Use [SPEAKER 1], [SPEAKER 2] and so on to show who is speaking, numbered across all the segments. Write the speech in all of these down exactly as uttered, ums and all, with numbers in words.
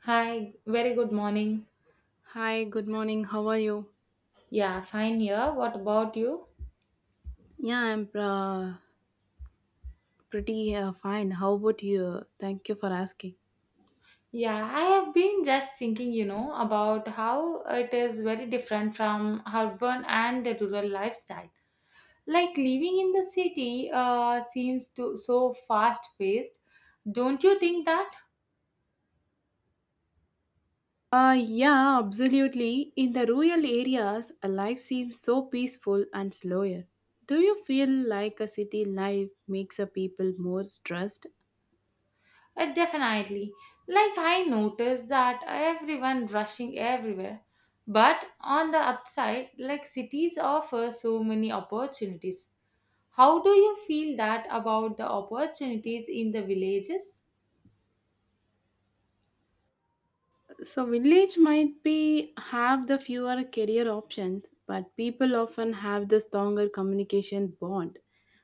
[SPEAKER 1] Hi, very good morning.
[SPEAKER 2] Hi, good morning. How are you?
[SPEAKER 1] Yeah, fine here. What about you?
[SPEAKER 2] Yeah, I'm uh, pretty uh, fine. How about you? Thank you for asking.
[SPEAKER 1] Yeah, I have been just thinking, you know, about how it is very different from urban and the rural lifestyle. Like living in the city uh, seems to so fast paced. Don't you think that?
[SPEAKER 2] Uh, yeah, absolutely. In the rural areas, a life seems so peaceful and slower. Do you feel like a city life makes a people more stressed?
[SPEAKER 1] Uh, definitely. Like I notice that everyone rushing everywhere. But on the upside, like cities offer so many opportunities. How do you feel that about the opportunities in the villages?
[SPEAKER 2] So village might be have the fewer career options, but people often have the stronger communication bond.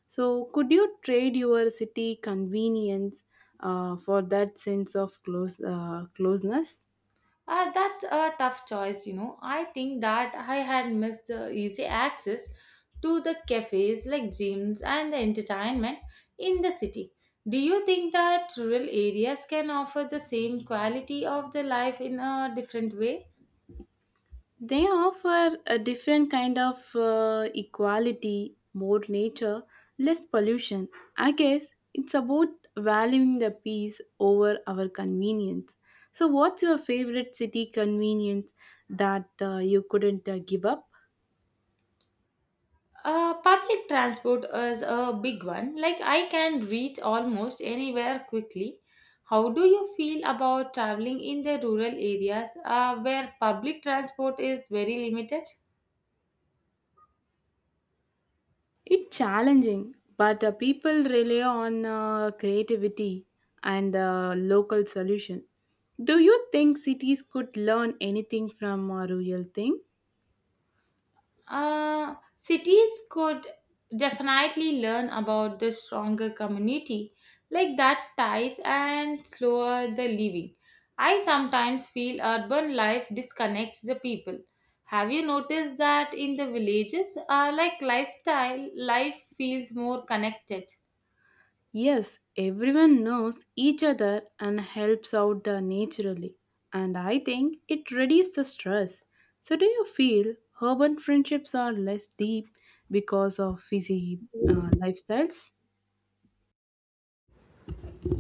[SPEAKER 2] So, could you trade your city convenience uh, for that sense of close uh, closeness?
[SPEAKER 1] Uh, that's a tough choice, you know. I think that I had missed the easy access to the cafes like gyms and the entertainment in the city. Do you think that rural areas can offer the same quality of the life in a different way?
[SPEAKER 2] They offer a different kind of uh, equality, more nature, less pollution. I guess it's about valuing the peace over our convenience. So, what's your favorite city convenience that uh, you couldn't uh, give up?
[SPEAKER 1] Uh, public transport is a big one. Like I can reach almost anywhere quickly. How do you feel about traveling in the rural areas uh, where public transport is very limited?
[SPEAKER 2] It's challenging, but uh, people rely on uh, creativity and uh, local solution. Do you think cities could learn anything from a rural thing?
[SPEAKER 1] Uh, cities could definitely learn about the stronger community, like that ties and slower the living. I sometimes feel urban life disconnects the people. Have you noticed that in the villages, uh, like lifestyle, life feels more connected?
[SPEAKER 2] Yes, everyone knows each other and helps out uh, naturally. And I think it reduces the stress. So, do you feel urban friendships are less deep because of busy uh, lifestyles?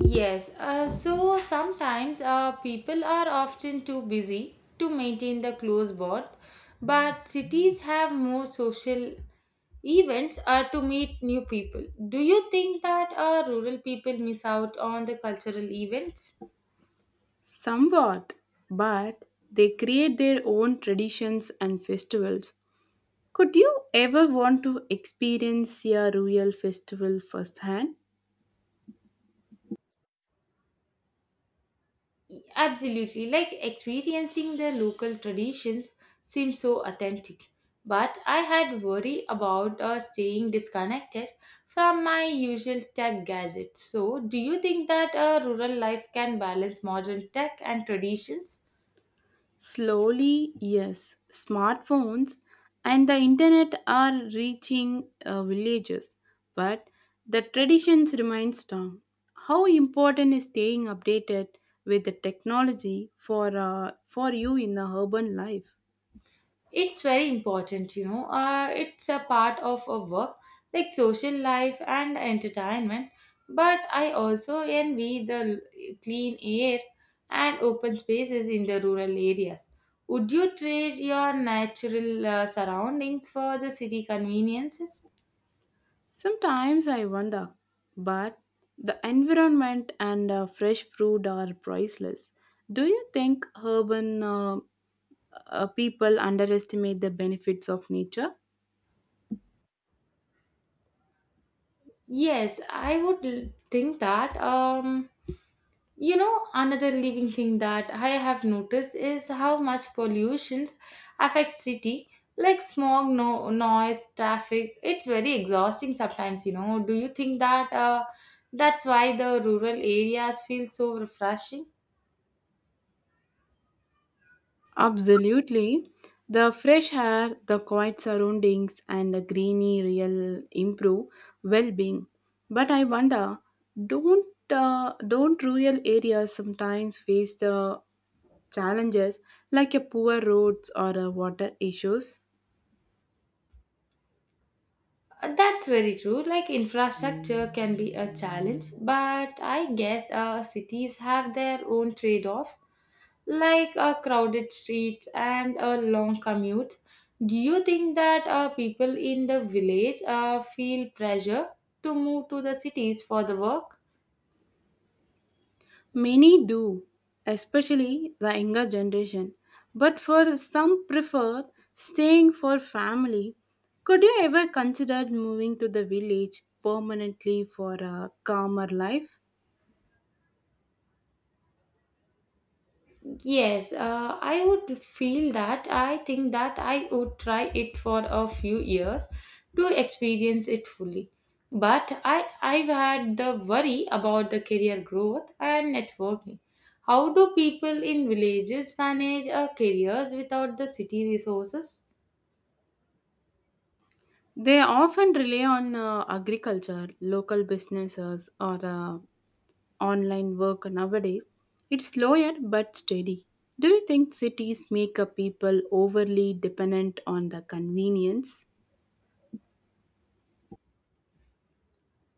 [SPEAKER 1] Yes, uh, so sometimes uh, people are often too busy to maintain the close bond, but cities have more social events are to meet new people. Do you think that uh, rural people miss out on the cultural events?
[SPEAKER 2] Somewhat, but they create their own traditions and festivals. Could you ever want to experience a real festival firsthand?
[SPEAKER 1] Absolutely, like experiencing their local traditions seems so authentic. But I had worry about uh, staying disconnected from my usual tech gadgets. So, do you think that uh, rural life can balance modern tech and traditions?
[SPEAKER 2] Slowly, yes. Smartphones and the internet are reaching uh, villages, but the traditions remain strong. How important is staying updated with the technology for uh, for you in the urban life?
[SPEAKER 1] It's very important, you know, uh, it's a part of a work like social life and entertainment, but I also envy the l- clean air and open spaces in the rural areas. Would you trade your natural uh, surroundings for the city conveniences?
[SPEAKER 2] Sometimes I wonder, but the environment and uh, fresh fruit are priceless. Do you think urban uh, uh, people underestimate the benefits of nature?
[SPEAKER 1] Yes, I would l- think that um you know, another living thing that I have noticed is how much pollution affects city, like smog, no noise, traffic. It's very exhausting sometimes. You know, do you think that uh, that's why the rural areas feel so refreshing?
[SPEAKER 2] Absolutely. The fresh air, the quiet surroundings, and the greeny real improve well-being. But I wonder, don't uh, don't rural areas sometimes face the challenges like a poor roads or uh, water issues?
[SPEAKER 1] Uh, That's very true. Like infrastructure can be a challenge, but I guess uh, cities have their own trade-offs. Like uh, crowded streets and a long commute. Do you think that uh, people in the village uh, feel pressure to move to the cities for the work?
[SPEAKER 2] Many do, especially the younger generation, but for some prefer staying for family. Could you ever consider moving to the village permanently for a calmer life?
[SPEAKER 1] Yes, uh, I would feel that. I think that I would try it for a few years to experience it fully. But I, I've had the worry about the career growth and networking. How do people in villages manage uh, careers without the city resources?
[SPEAKER 2] They often rely on uh, agriculture, local businesses, or uh, online work nowadays. It's slower but steady. Do you think cities make a people overly dependent on the convenience?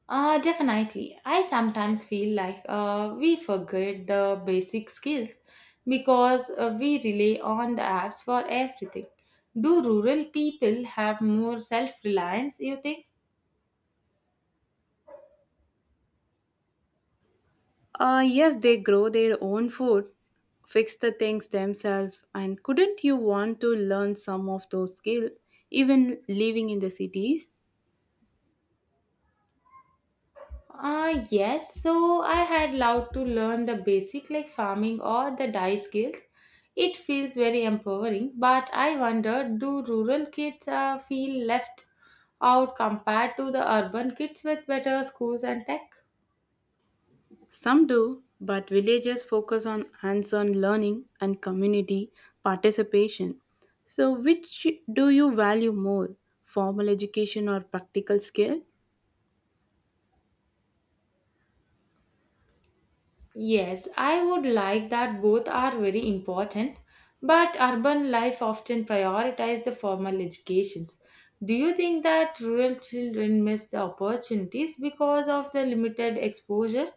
[SPEAKER 1] Uh, definitely. I sometimes feel like uh, we forget the basic skills because uh, we rely on the apps for everything. Do rural people have more self reliance, you think?
[SPEAKER 2] Uh, yes, they grow their own food, fix the things themselves, and couldn't you want to learn some of those skills, even living in the cities?
[SPEAKER 1] Uh, yes, so I had loved to learn the basic like farming or the dye skills. It feels very empowering, but I wonder do rural kids uh, feel left out compared to the urban kids with better schools and tech?
[SPEAKER 2] Some do, but villages focus on hands on learning and community participation. So, which do you value more, formal education or practical skill?
[SPEAKER 1] Yes, I would like that both are very important, but urban life often prioritizes the formal educations. Do you think that rural children miss the opportunities because of the limited exposure?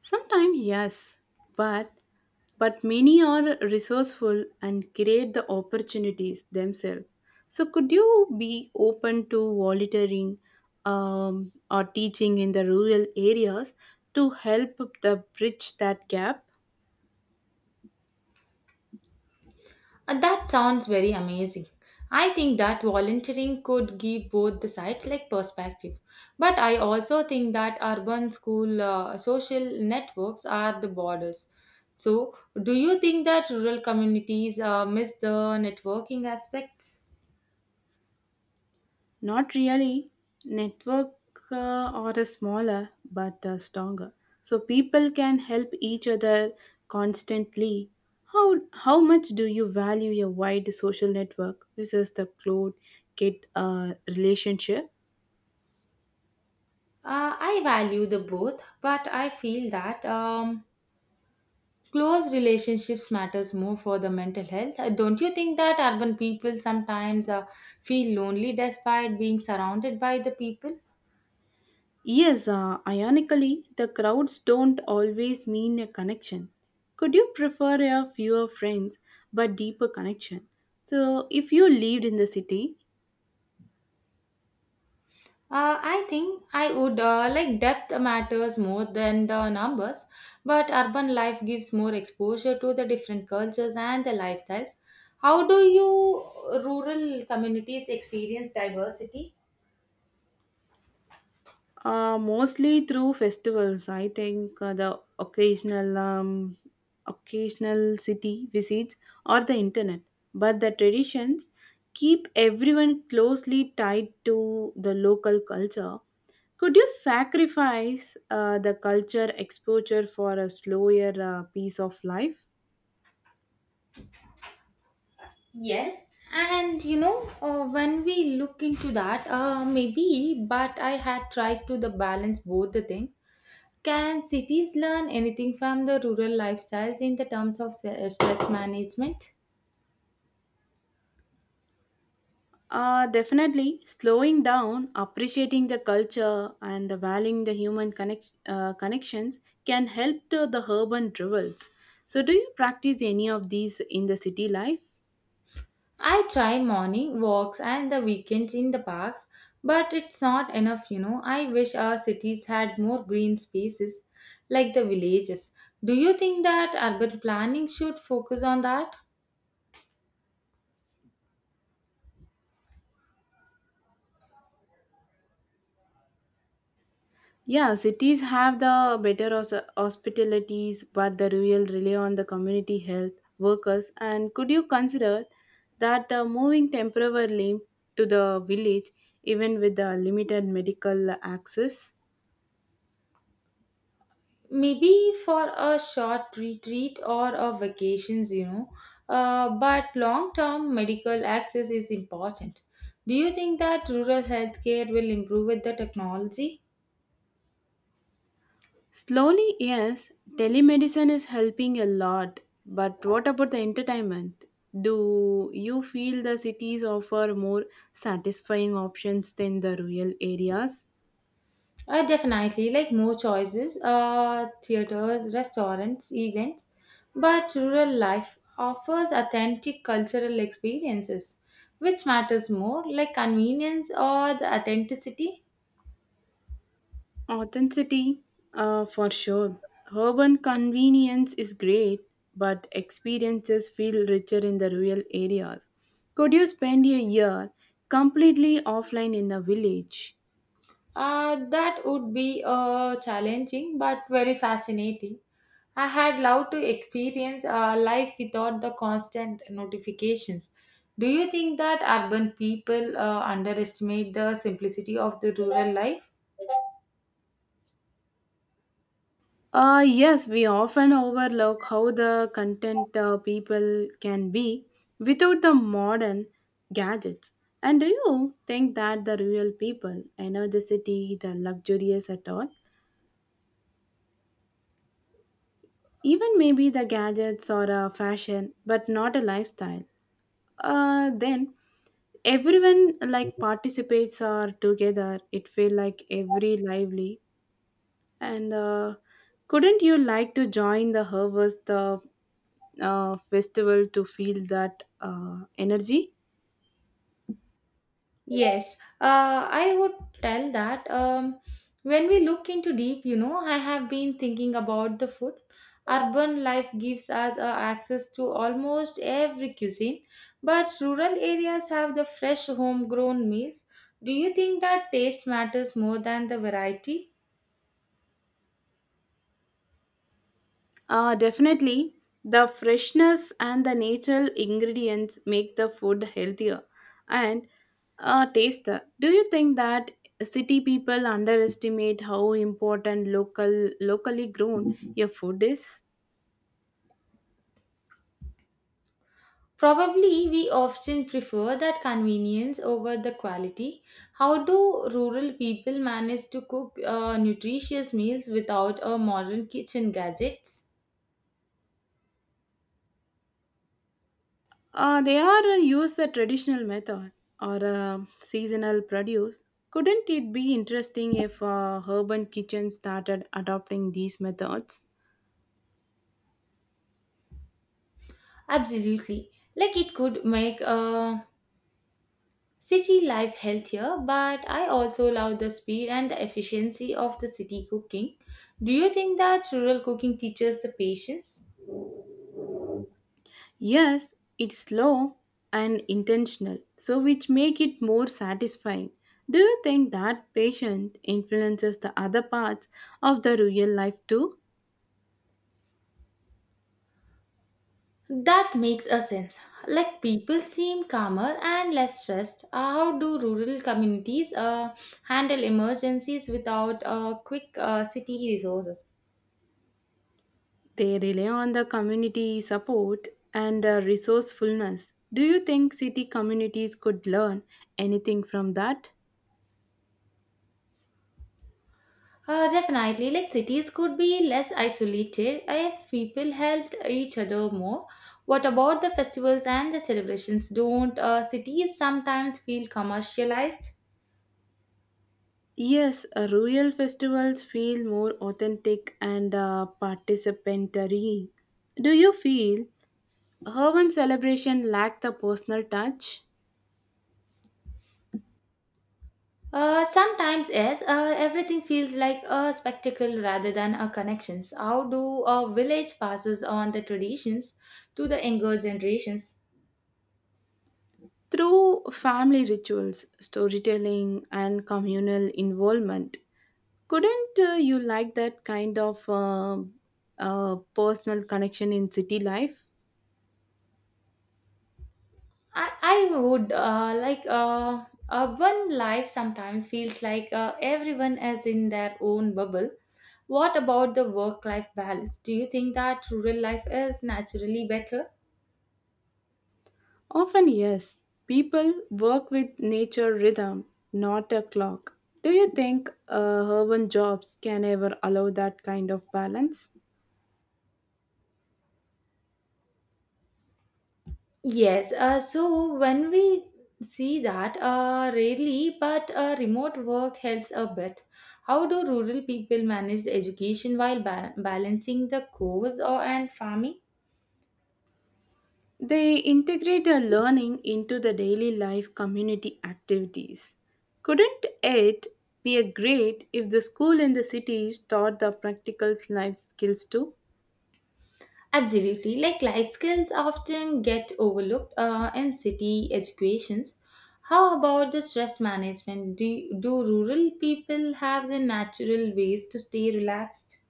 [SPEAKER 2] Sometimes, yes, but but many are resourceful and create the opportunities themselves. So, could you be open to volunteering um, or teaching in the rural areas to help the bridge that gap?
[SPEAKER 1] Uh, That sounds very amazing. I think that volunteering could give both the sides like perspective. But I also think that urban school uh, social networks are the borders. So, do you think that rural communities uh, miss the networking aspects?
[SPEAKER 2] Not really. Network uh, are a smaller but uh, stronger. So people can help each other constantly. How how much do you value your wide social network versus the close kid uh, relationship?
[SPEAKER 1] Uh, I value the both, but I feel that um, close relationships matters more for the mental health. Uh, Don't you think that urban people sometimes uh, feel lonely despite being surrounded by the people?
[SPEAKER 2] Yes, uh, ironically, the crowds don't always mean a connection. Could you prefer a fewer friends but deeper connection? So, if you lived in the city,
[SPEAKER 1] Uh, I think I would uh, like depth matters more than the numbers, but urban life gives more exposure to the different cultures and the lifestyles. How do you rural communities experience diversity?
[SPEAKER 2] Uh, mostly through festivals. I think uh, the occasional um, occasional city visits or the internet. But the traditions keep everyone closely tied to the local culture. Could you sacrifice uh, the culture exposure for a slower uh, piece of life?
[SPEAKER 1] Yes, and you know, uh, when we look into that, uh, maybe, but I had tried to the balance both the thing. Can cities learn anything from the rural lifestyles in the terms of se- stress management?
[SPEAKER 2] Uh, definitely slowing down, appreciating the culture, and valuing the human connect, uh, connections can help to the urban rivals. So, do you practice any of these in the city life?
[SPEAKER 1] I try morning walks and the weekends in the parks, but it's not enough, you know. I wish our cities had more green spaces like the villages. Do you think that urban planning should focus on that?
[SPEAKER 2] Yeah, cities have the better hos- hospitalities, but the rural rely on the community health workers. And could you consider that uh, moving temporarily to the village, even with the limited medical access?
[SPEAKER 1] Maybe for a short retreat or a vacations, you know. Uh, but long term medical access is important. Do you think that rural healthcare will improve with the technology?
[SPEAKER 2] Slowly, yes, telemedicine is helping a lot. But what about the entertainment? Do you feel the cities offer more satisfying options than the rural areas?
[SPEAKER 1] Uh, definitely, like more choices, uh, theaters, restaurants, events, but rural life offers authentic cultural experiences. Which matters more, like convenience or the authenticity?
[SPEAKER 2] Authenticity, uh, for sure. Urban convenience is great, but experiences feel richer in the rural areas. Could you spend a year completely offline in a village?
[SPEAKER 1] Uh, that would be uh, challenging but very fascinating. I had loved to experience uh, life without the constant notifications. Do you think that urban people uh, underestimate the simplicity of the rural life?
[SPEAKER 2] Uh, yes, we often overlook how the content uh, people can be without the modern gadgets. And do you think that the real people, energeticity, the luxurious at all, even maybe the gadgets or a fashion, but not a lifestyle, uh, then everyone like participates or together it feel like every lively and uh, couldn't you like to join the harvest The uh, festival to feel that uh, energy.
[SPEAKER 1] Yes, uh, I would tell that um, when we look into deep, you know, I have been thinking about the food. Urban life gives us uh, access to almost every cuisine, but rural areas have the fresh homegrown meals. Do you think that taste matters more than the variety?
[SPEAKER 2] Uh, definitely, the freshness and the natural ingredients make the food healthier and uh, tastier. Do you think that city people underestimate how important local locally grown your food is?
[SPEAKER 1] Probably we often prefer that convenience over the quality. How do rural people manage to cook uh, nutritious meals without a modern kitchen gadgets?
[SPEAKER 2] Uh, they are uh, use the traditional method or uh, seasonal produce. Couldn't it be interesting if uh, urban kitchens started adopting these methods?
[SPEAKER 1] Absolutely. Like it could make uh, city life healthier, but I also love the speed and the efficiency of the city cooking. Do you think that rural cooking teaches the patience?
[SPEAKER 2] Yes, it's slow and intentional, so which make it more satisfying. Do you think that patient influences the other parts of the real life too?
[SPEAKER 1] That makes a sense. Like people seem calmer and less stressed. Uh, how do rural communities uh, handle emergencies without uh, quick uh, city resources?
[SPEAKER 2] They rely on the community support and uh, resourcefulness. Do you think city communities could learn anything from that?
[SPEAKER 1] Uh, definitely, like cities could be less isolated if people helped each other more. What about the festivals and the celebrations? Don't uh, cities sometimes feel commercialized?
[SPEAKER 2] Yes, uh, rural festivals feel more authentic and uh, participatory. Do you feel urban celebration lack the personal touch?
[SPEAKER 1] Uh, sometimes yes, uh, everything feels like a spectacle rather than a connections. How do a village passes on the traditions to the younger generations?
[SPEAKER 2] Through family rituals, storytelling, and communal involvement, couldn't uh, you like that kind of uh, uh, personal connection in city life?
[SPEAKER 1] I, I would uh, like uh, urban life sometimes feels like uh, everyone is in their own bubble. What about the work life balance? Do you think that rural life is naturally better?
[SPEAKER 2] Often, yes. People work with nature rhythm, not a clock. Do you think uh, urban jobs can ever allow that kind of balance?
[SPEAKER 1] Yes, uh, so when we see that, uh, rarely, but uh, remote work helps a bit. How do rural people manage the education while ba- balancing the course or and farming?
[SPEAKER 2] They integrate their learning into the daily life community activities. Couldn't it be a great if the school in the cities taught the practical life skills too?
[SPEAKER 1] Absolutely, like life skills often get overlooked uh, in city educations. How about the stress management? Do, do rural people have the natural ways to stay relaxed?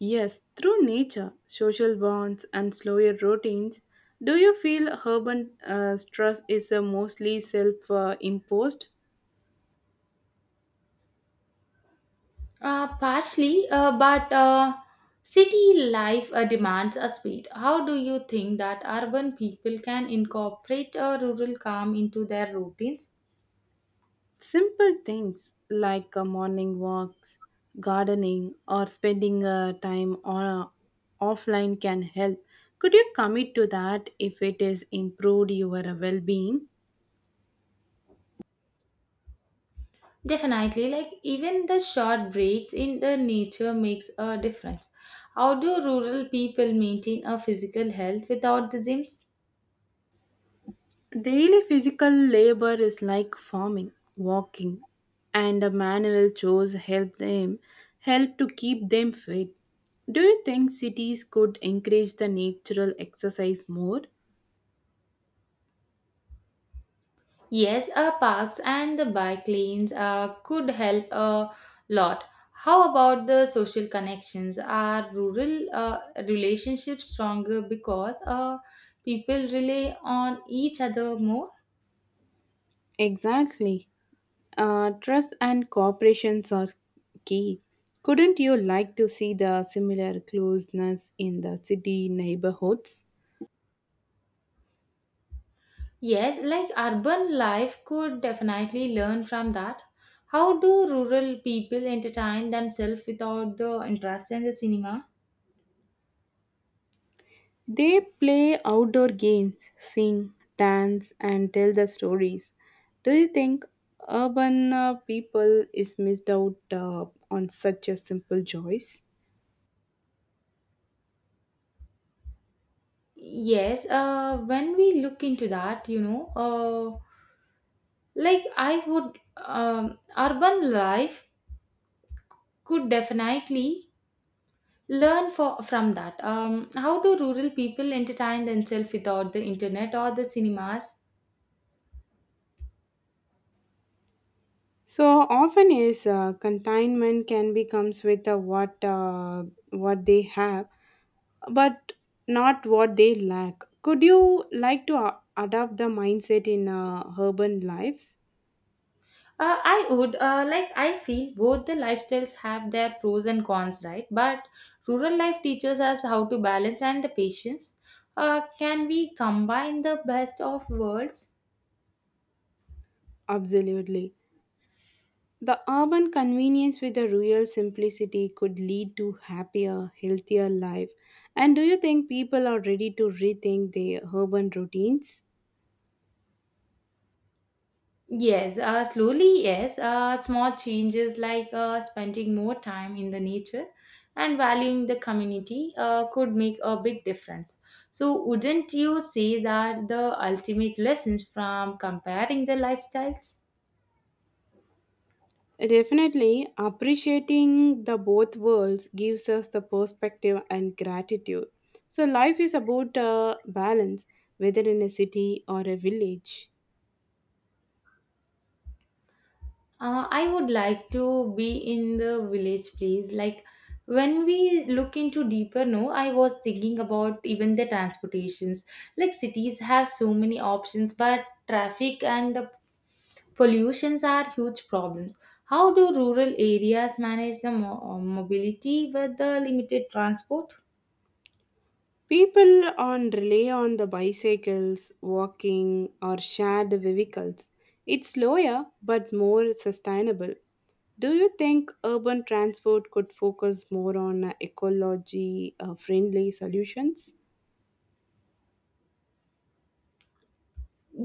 [SPEAKER 2] Yes, through nature, social bonds, and slower routines, do you feel urban uh, stress is uh, mostly self uh, imposed?
[SPEAKER 1] Uh, partially, uh, but uh, city life uh, demands a speed. How do you think that urban people can incorporate a rural calm into their routines?
[SPEAKER 2] Simple things like uh, morning walks, gardening, or spending uh, time on, offline can help. Could you commit to that if it is improved your well being?
[SPEAKER 1] Definitely, like even the short breaks in the nature makes a difference. How do rural people maintain a physical health without the gyms?
[SPEAKER 2] Daily physical labor is like farming, walking, and the manual chores help them help to keep them fit. Do you think cities could encourage the natural exercise more?
[SPEAKER 1] Yes, uh, parks and the bike lanes uh, could help a lot. How about the social connections? Are rural uh, relationships stronger because uh, people rely on each other more?
[SPEAKER 2] Exactly. Uh, trust and cooperations are key. Couldn't you like to see the similar closeness in the city neighborhoods?
[SPEAKER 1] Yes, like urban life could definitely learn from that. How do rural people entertain themselves without the interest in the cinema?
[SPEAKER 2] They play outdoor games, sing, dance, and tell the stories. Do you think urban uh, people is missed out uh, on such a simple joys?
[SPEAKER 1] Yes, uh, when we look into that, you know, uh, like I would, um, urban life could definitely learn for, from that. Um, how do rural people entertain themselves without the internet or the cinemas?
[SPEAKER 2] So often is uh, containment can becomes with uh, what uh, what they have but not what they lack. Could you like to a- adapt the mindset in uh, urban lives?
[SPEAKER 1] Uh, I would uh, like I feel both the lifestyles have their pros and cons, right? But rural life teaches us how to balance and the patience. Uh, can we combine the best of worlds?
[SPEAKER 2] Absolutely. The urban convenience with the rural simplicity could lead to happier, healthier life. And do you think people are ready to rethink their urban routines?
[SPEAKER 1] Yes, uh, slowly, yes. Uh, small changes like uh, spending more time in the nature and valuing the community uh, could make a big difference. So, wouldn't you say that the ultimate lessons from comparing the lifestyles?
[SPEAKER 2] Definitely, appreciating the both worlds gives us the perspective and gratitude. So life is about uh, balance, whether in a city or a village.
[SPEAKER 1] Uh, I would like to be in the village place. Like when we look into deeper, no, I was thinking about even the transportations. Like cities have so many options, but traffic and pollutions are huge problems. How do rural areas manage the mo- mobility with the limited transport?
[SPEAKER 2] People on rely on the bicycles, walking, or shared vehicles. It's slower but more sustainable. Do you think urban transport could focus more on uh, ecology uh, friendly solutions?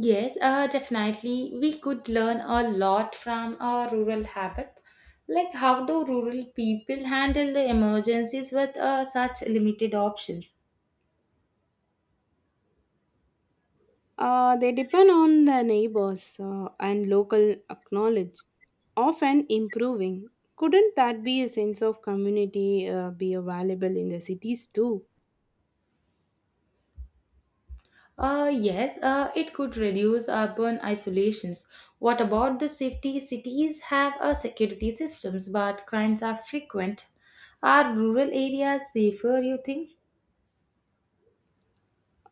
[SPEAKER 1] Yes, uh, definitely. We could learn a lot from our rural habit. Like, how do rural people handle the emergencies with uh, such limited options?
[SPEAKER 2] Uh, they depend on the neighbors uh, and local knowledge, often improving. Couldn't that be a sense of community uh, be available in the cities too?
[SPEAKER 1] Uh, yes, uh, it could reduce urban isolations. What about the safety? Cities have a security systems, but crimes are frequent. Are rural areas safer, you think?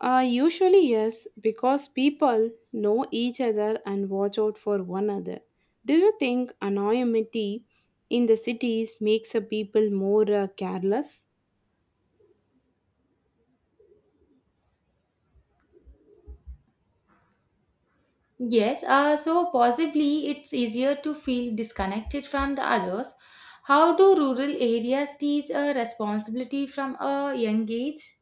[SPEAKER 2] Uh, usually, yes, because people know each other and watch out for one another. Do you think anonymity in the cities makes a people more uh, careless?
[SPEAKER 1] Yes, uh, so possibly it's easier to feel disconnected from the others. How do rural areas teach a responsibility from a young age?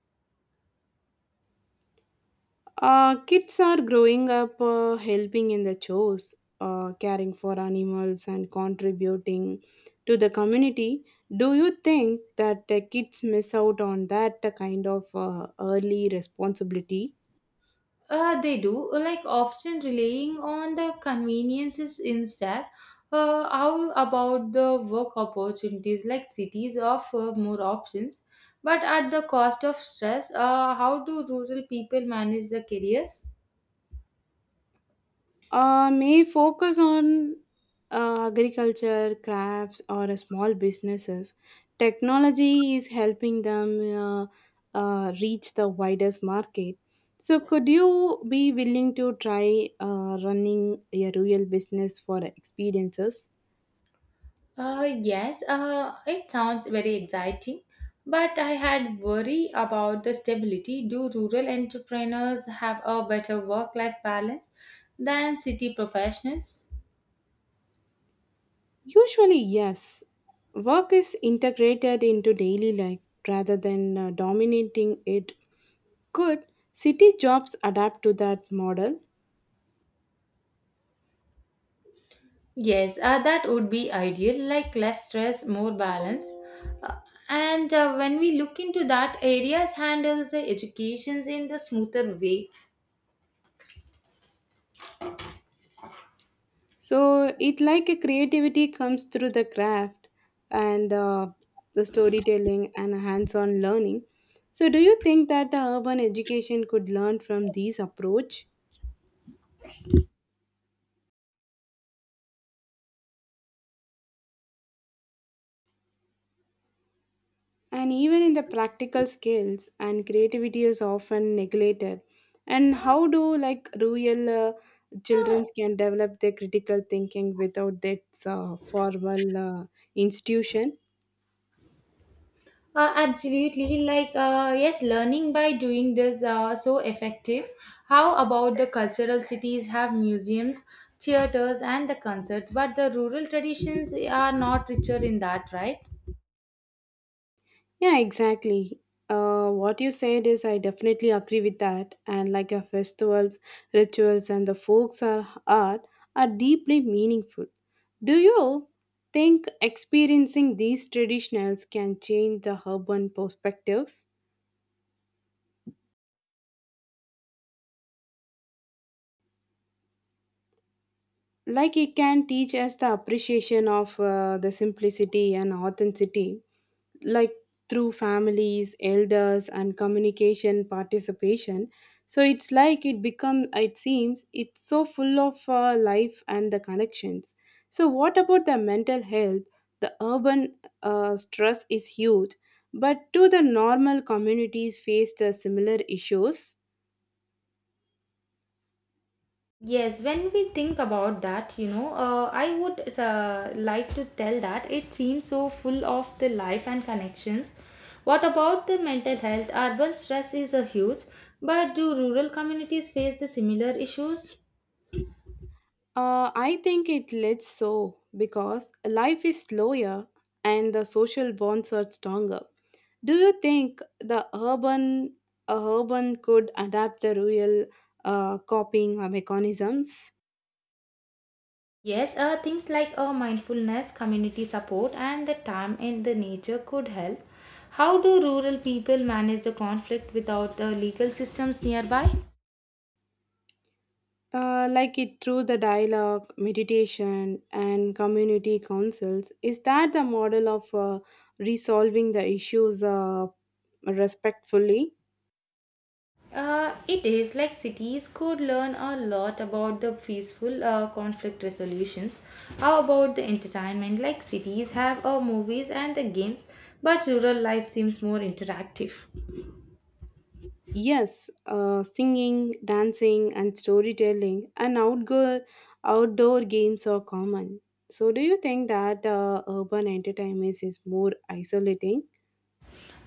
[SPEAKER 2] Uh, kids are growing up uh, helping in the chores, uh, caring for animals, and contributing to the community. Do you think that uh, kids miss out on that uh, kind of uh, early responsibility?
[SPEAKER 1] Uh, they do, like often relying on the conveniences instead. Uh, how about the work opportunities? Like cities offer more options, but at the cost of stress. Uh, how do rural people manage their careers?
[SPEAKER 2] Uh, may focus on uh, agriculture, crafts, or uh, small businesses. Technology is helping them uh, uh, reach the widest market. So, could you be willing to try uh, running a real business for experiences?
[SPEAKER 1] Uh, yes, uh, it sounds very exciting, but I had worry about the stability. Do rural entrepreneurs have a better work-life balance than city professionals?
[SPEAKER 2] Usually, yes. Work is integrated into daily life rather than uh, dominating it. Could city jobs adapt to that model?
[SPEAKER 1] Yes, uh, that would be ideal, like less stress, more balance. Uh, and uh, when we look into that, areas handles the educations in the smoother way.
[SPEAKER 2] So it like a creativity comes through the craft and uh, the storytelling and hands-on learning. So do you think that the urban education could learn from these approach? And even in the practical skills and creativity is often neglected. And how do like rural uh, children can develop their critical thinking without that uh, formal uh, institution?
[SPEAKER 1] Uh, absolutely, like uh, yes, learning by doing this uh, so effective. How about the cultural cities have museums, theaters, and the concerts, but the rural traditions are not richer in that, right?
[SPEAKER 2] Yeah, exactly. Uh, what you said is, I definitely agree with that. And like your festivals, rituals, and the folks are art are deeply meaningful. Do you think experiencing these traditionals can change the urban perspectives? Like it can teach us the appreciation of uh, the simplicity and authenticity, like through families elders and communication participation. So it's like it become it seems it's so full of uh, life and the connections. So what about the mental health? The urban uh, stress is huge, but do the normal communities face the similar issues?
[SPEAKER 1] Yes, when we think about that, you know, uh, I would uh, like to tell that it seems so full of the life and connections. What about the mental health? Urban stress is a huge, but do rural communities face the similar issues?
[SPEAKER 2] uh, I think it lets so because life is slower and the social bonds are stronger. Do you think the urban uh, urban could adapt the rural uh, copying uh, mechanisms?
[SPEAKER 1] Yes, uh, things like uh, mindfulness, community support, and the time in the nature could help. How do rural people manage the conflict without the legal systems nearby?
[SPEAKER 2] uh, like it through the dialogue, meditation, and community councils? Is that the model of uh, resolving the issues uh, respectfully?
[SPEAKER 1] Uh, it is like cities could learn a lot about the peaceful uh, conflict resolutions. How about the entertainment? Like cities have uh, movies and the games, but rural life seems more interactive.
[SPEAKER 2] Yes, uh, singing, dancing, and storytelling, and outdoor outdoor games are common. So, do you think that uh, urban entertainment is more isolating?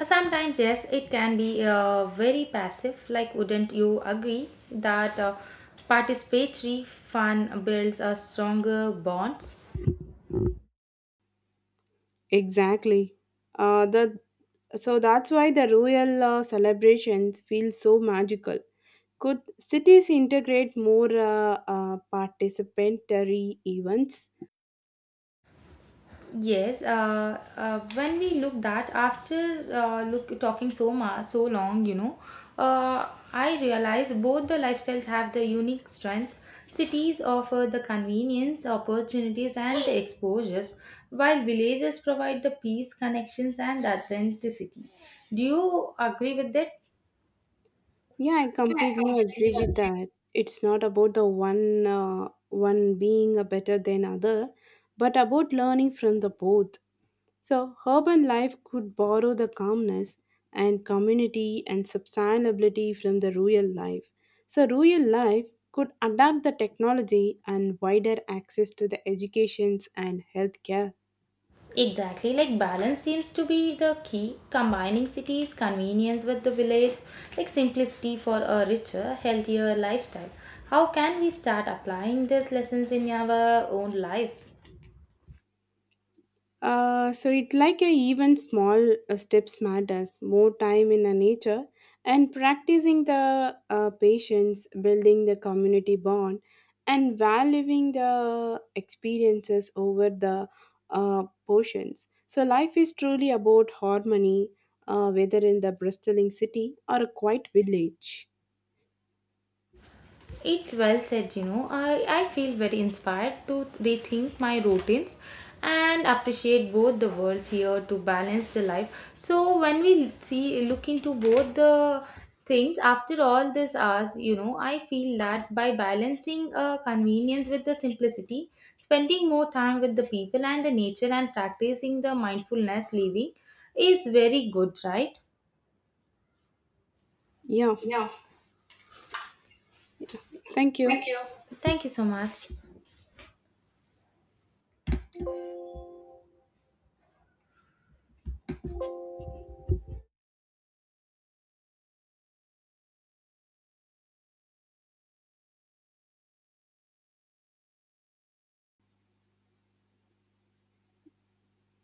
[SPEAKER 1] Uh, Sometimes, yes, it can be uh, very passive. Like, wouldn't you agree that uh, participatory fun builds a stronger bonds?
[SPEAKER 2] Exactly. Uh, the so that's why the royal uh, celebrations feel so magical. Could cities integrate more uh, uh, participatory events?
[SPEAKER 1] Yes, uh, uh, when we look that after uh, look talking so much so long, you know, uh, I realize both the lifestyles have the unique strengths. Cities offer the convenience, opportunities, and the exposures, while villages provide the peace, connections, and authenticity. Do you agree with that?
[SPEAKER 2] Yeah, I completely agree with that. It's not about the one uh, one being a better than other, but about learning from the both. So, urban life could borrow the calmness and community and sustainability from the rural life. So, rural life could adapt the technology and wider access to the educations and healthcare.
[SPEAKER 1] Exactly, like balance seems to be the key, combining cities' convenience with the village, like simplicity for a richer, healthier lifestyle. How can we start applying these lessons in our own lives?
[SPEAKER 2] Uh, so it like a even small uh, steps matters more time in a nature and practicing the uh, patience building the community bond and valuing the experiences over the uh, portions. So life is truly about harmony, uh, whether in the bristling city or a quiet village.
[SPEAKER 1] It's well said, you know. I, I feel very inspired to rethink my routines and appreciate both the words here to balance the life. So when we see look into both the things after all this hours, you know, I feel that by balancing uh, convenience with the simplicity, spending more time with the people and the nature and practicing the mindfulness living is very good, right?
[SPEAKER 2] Yeah,
[SPEAKER 1] Yeah.
[SPEAKER 2] thank you.
[SPEAKER 1] Thank you. Thank you so much.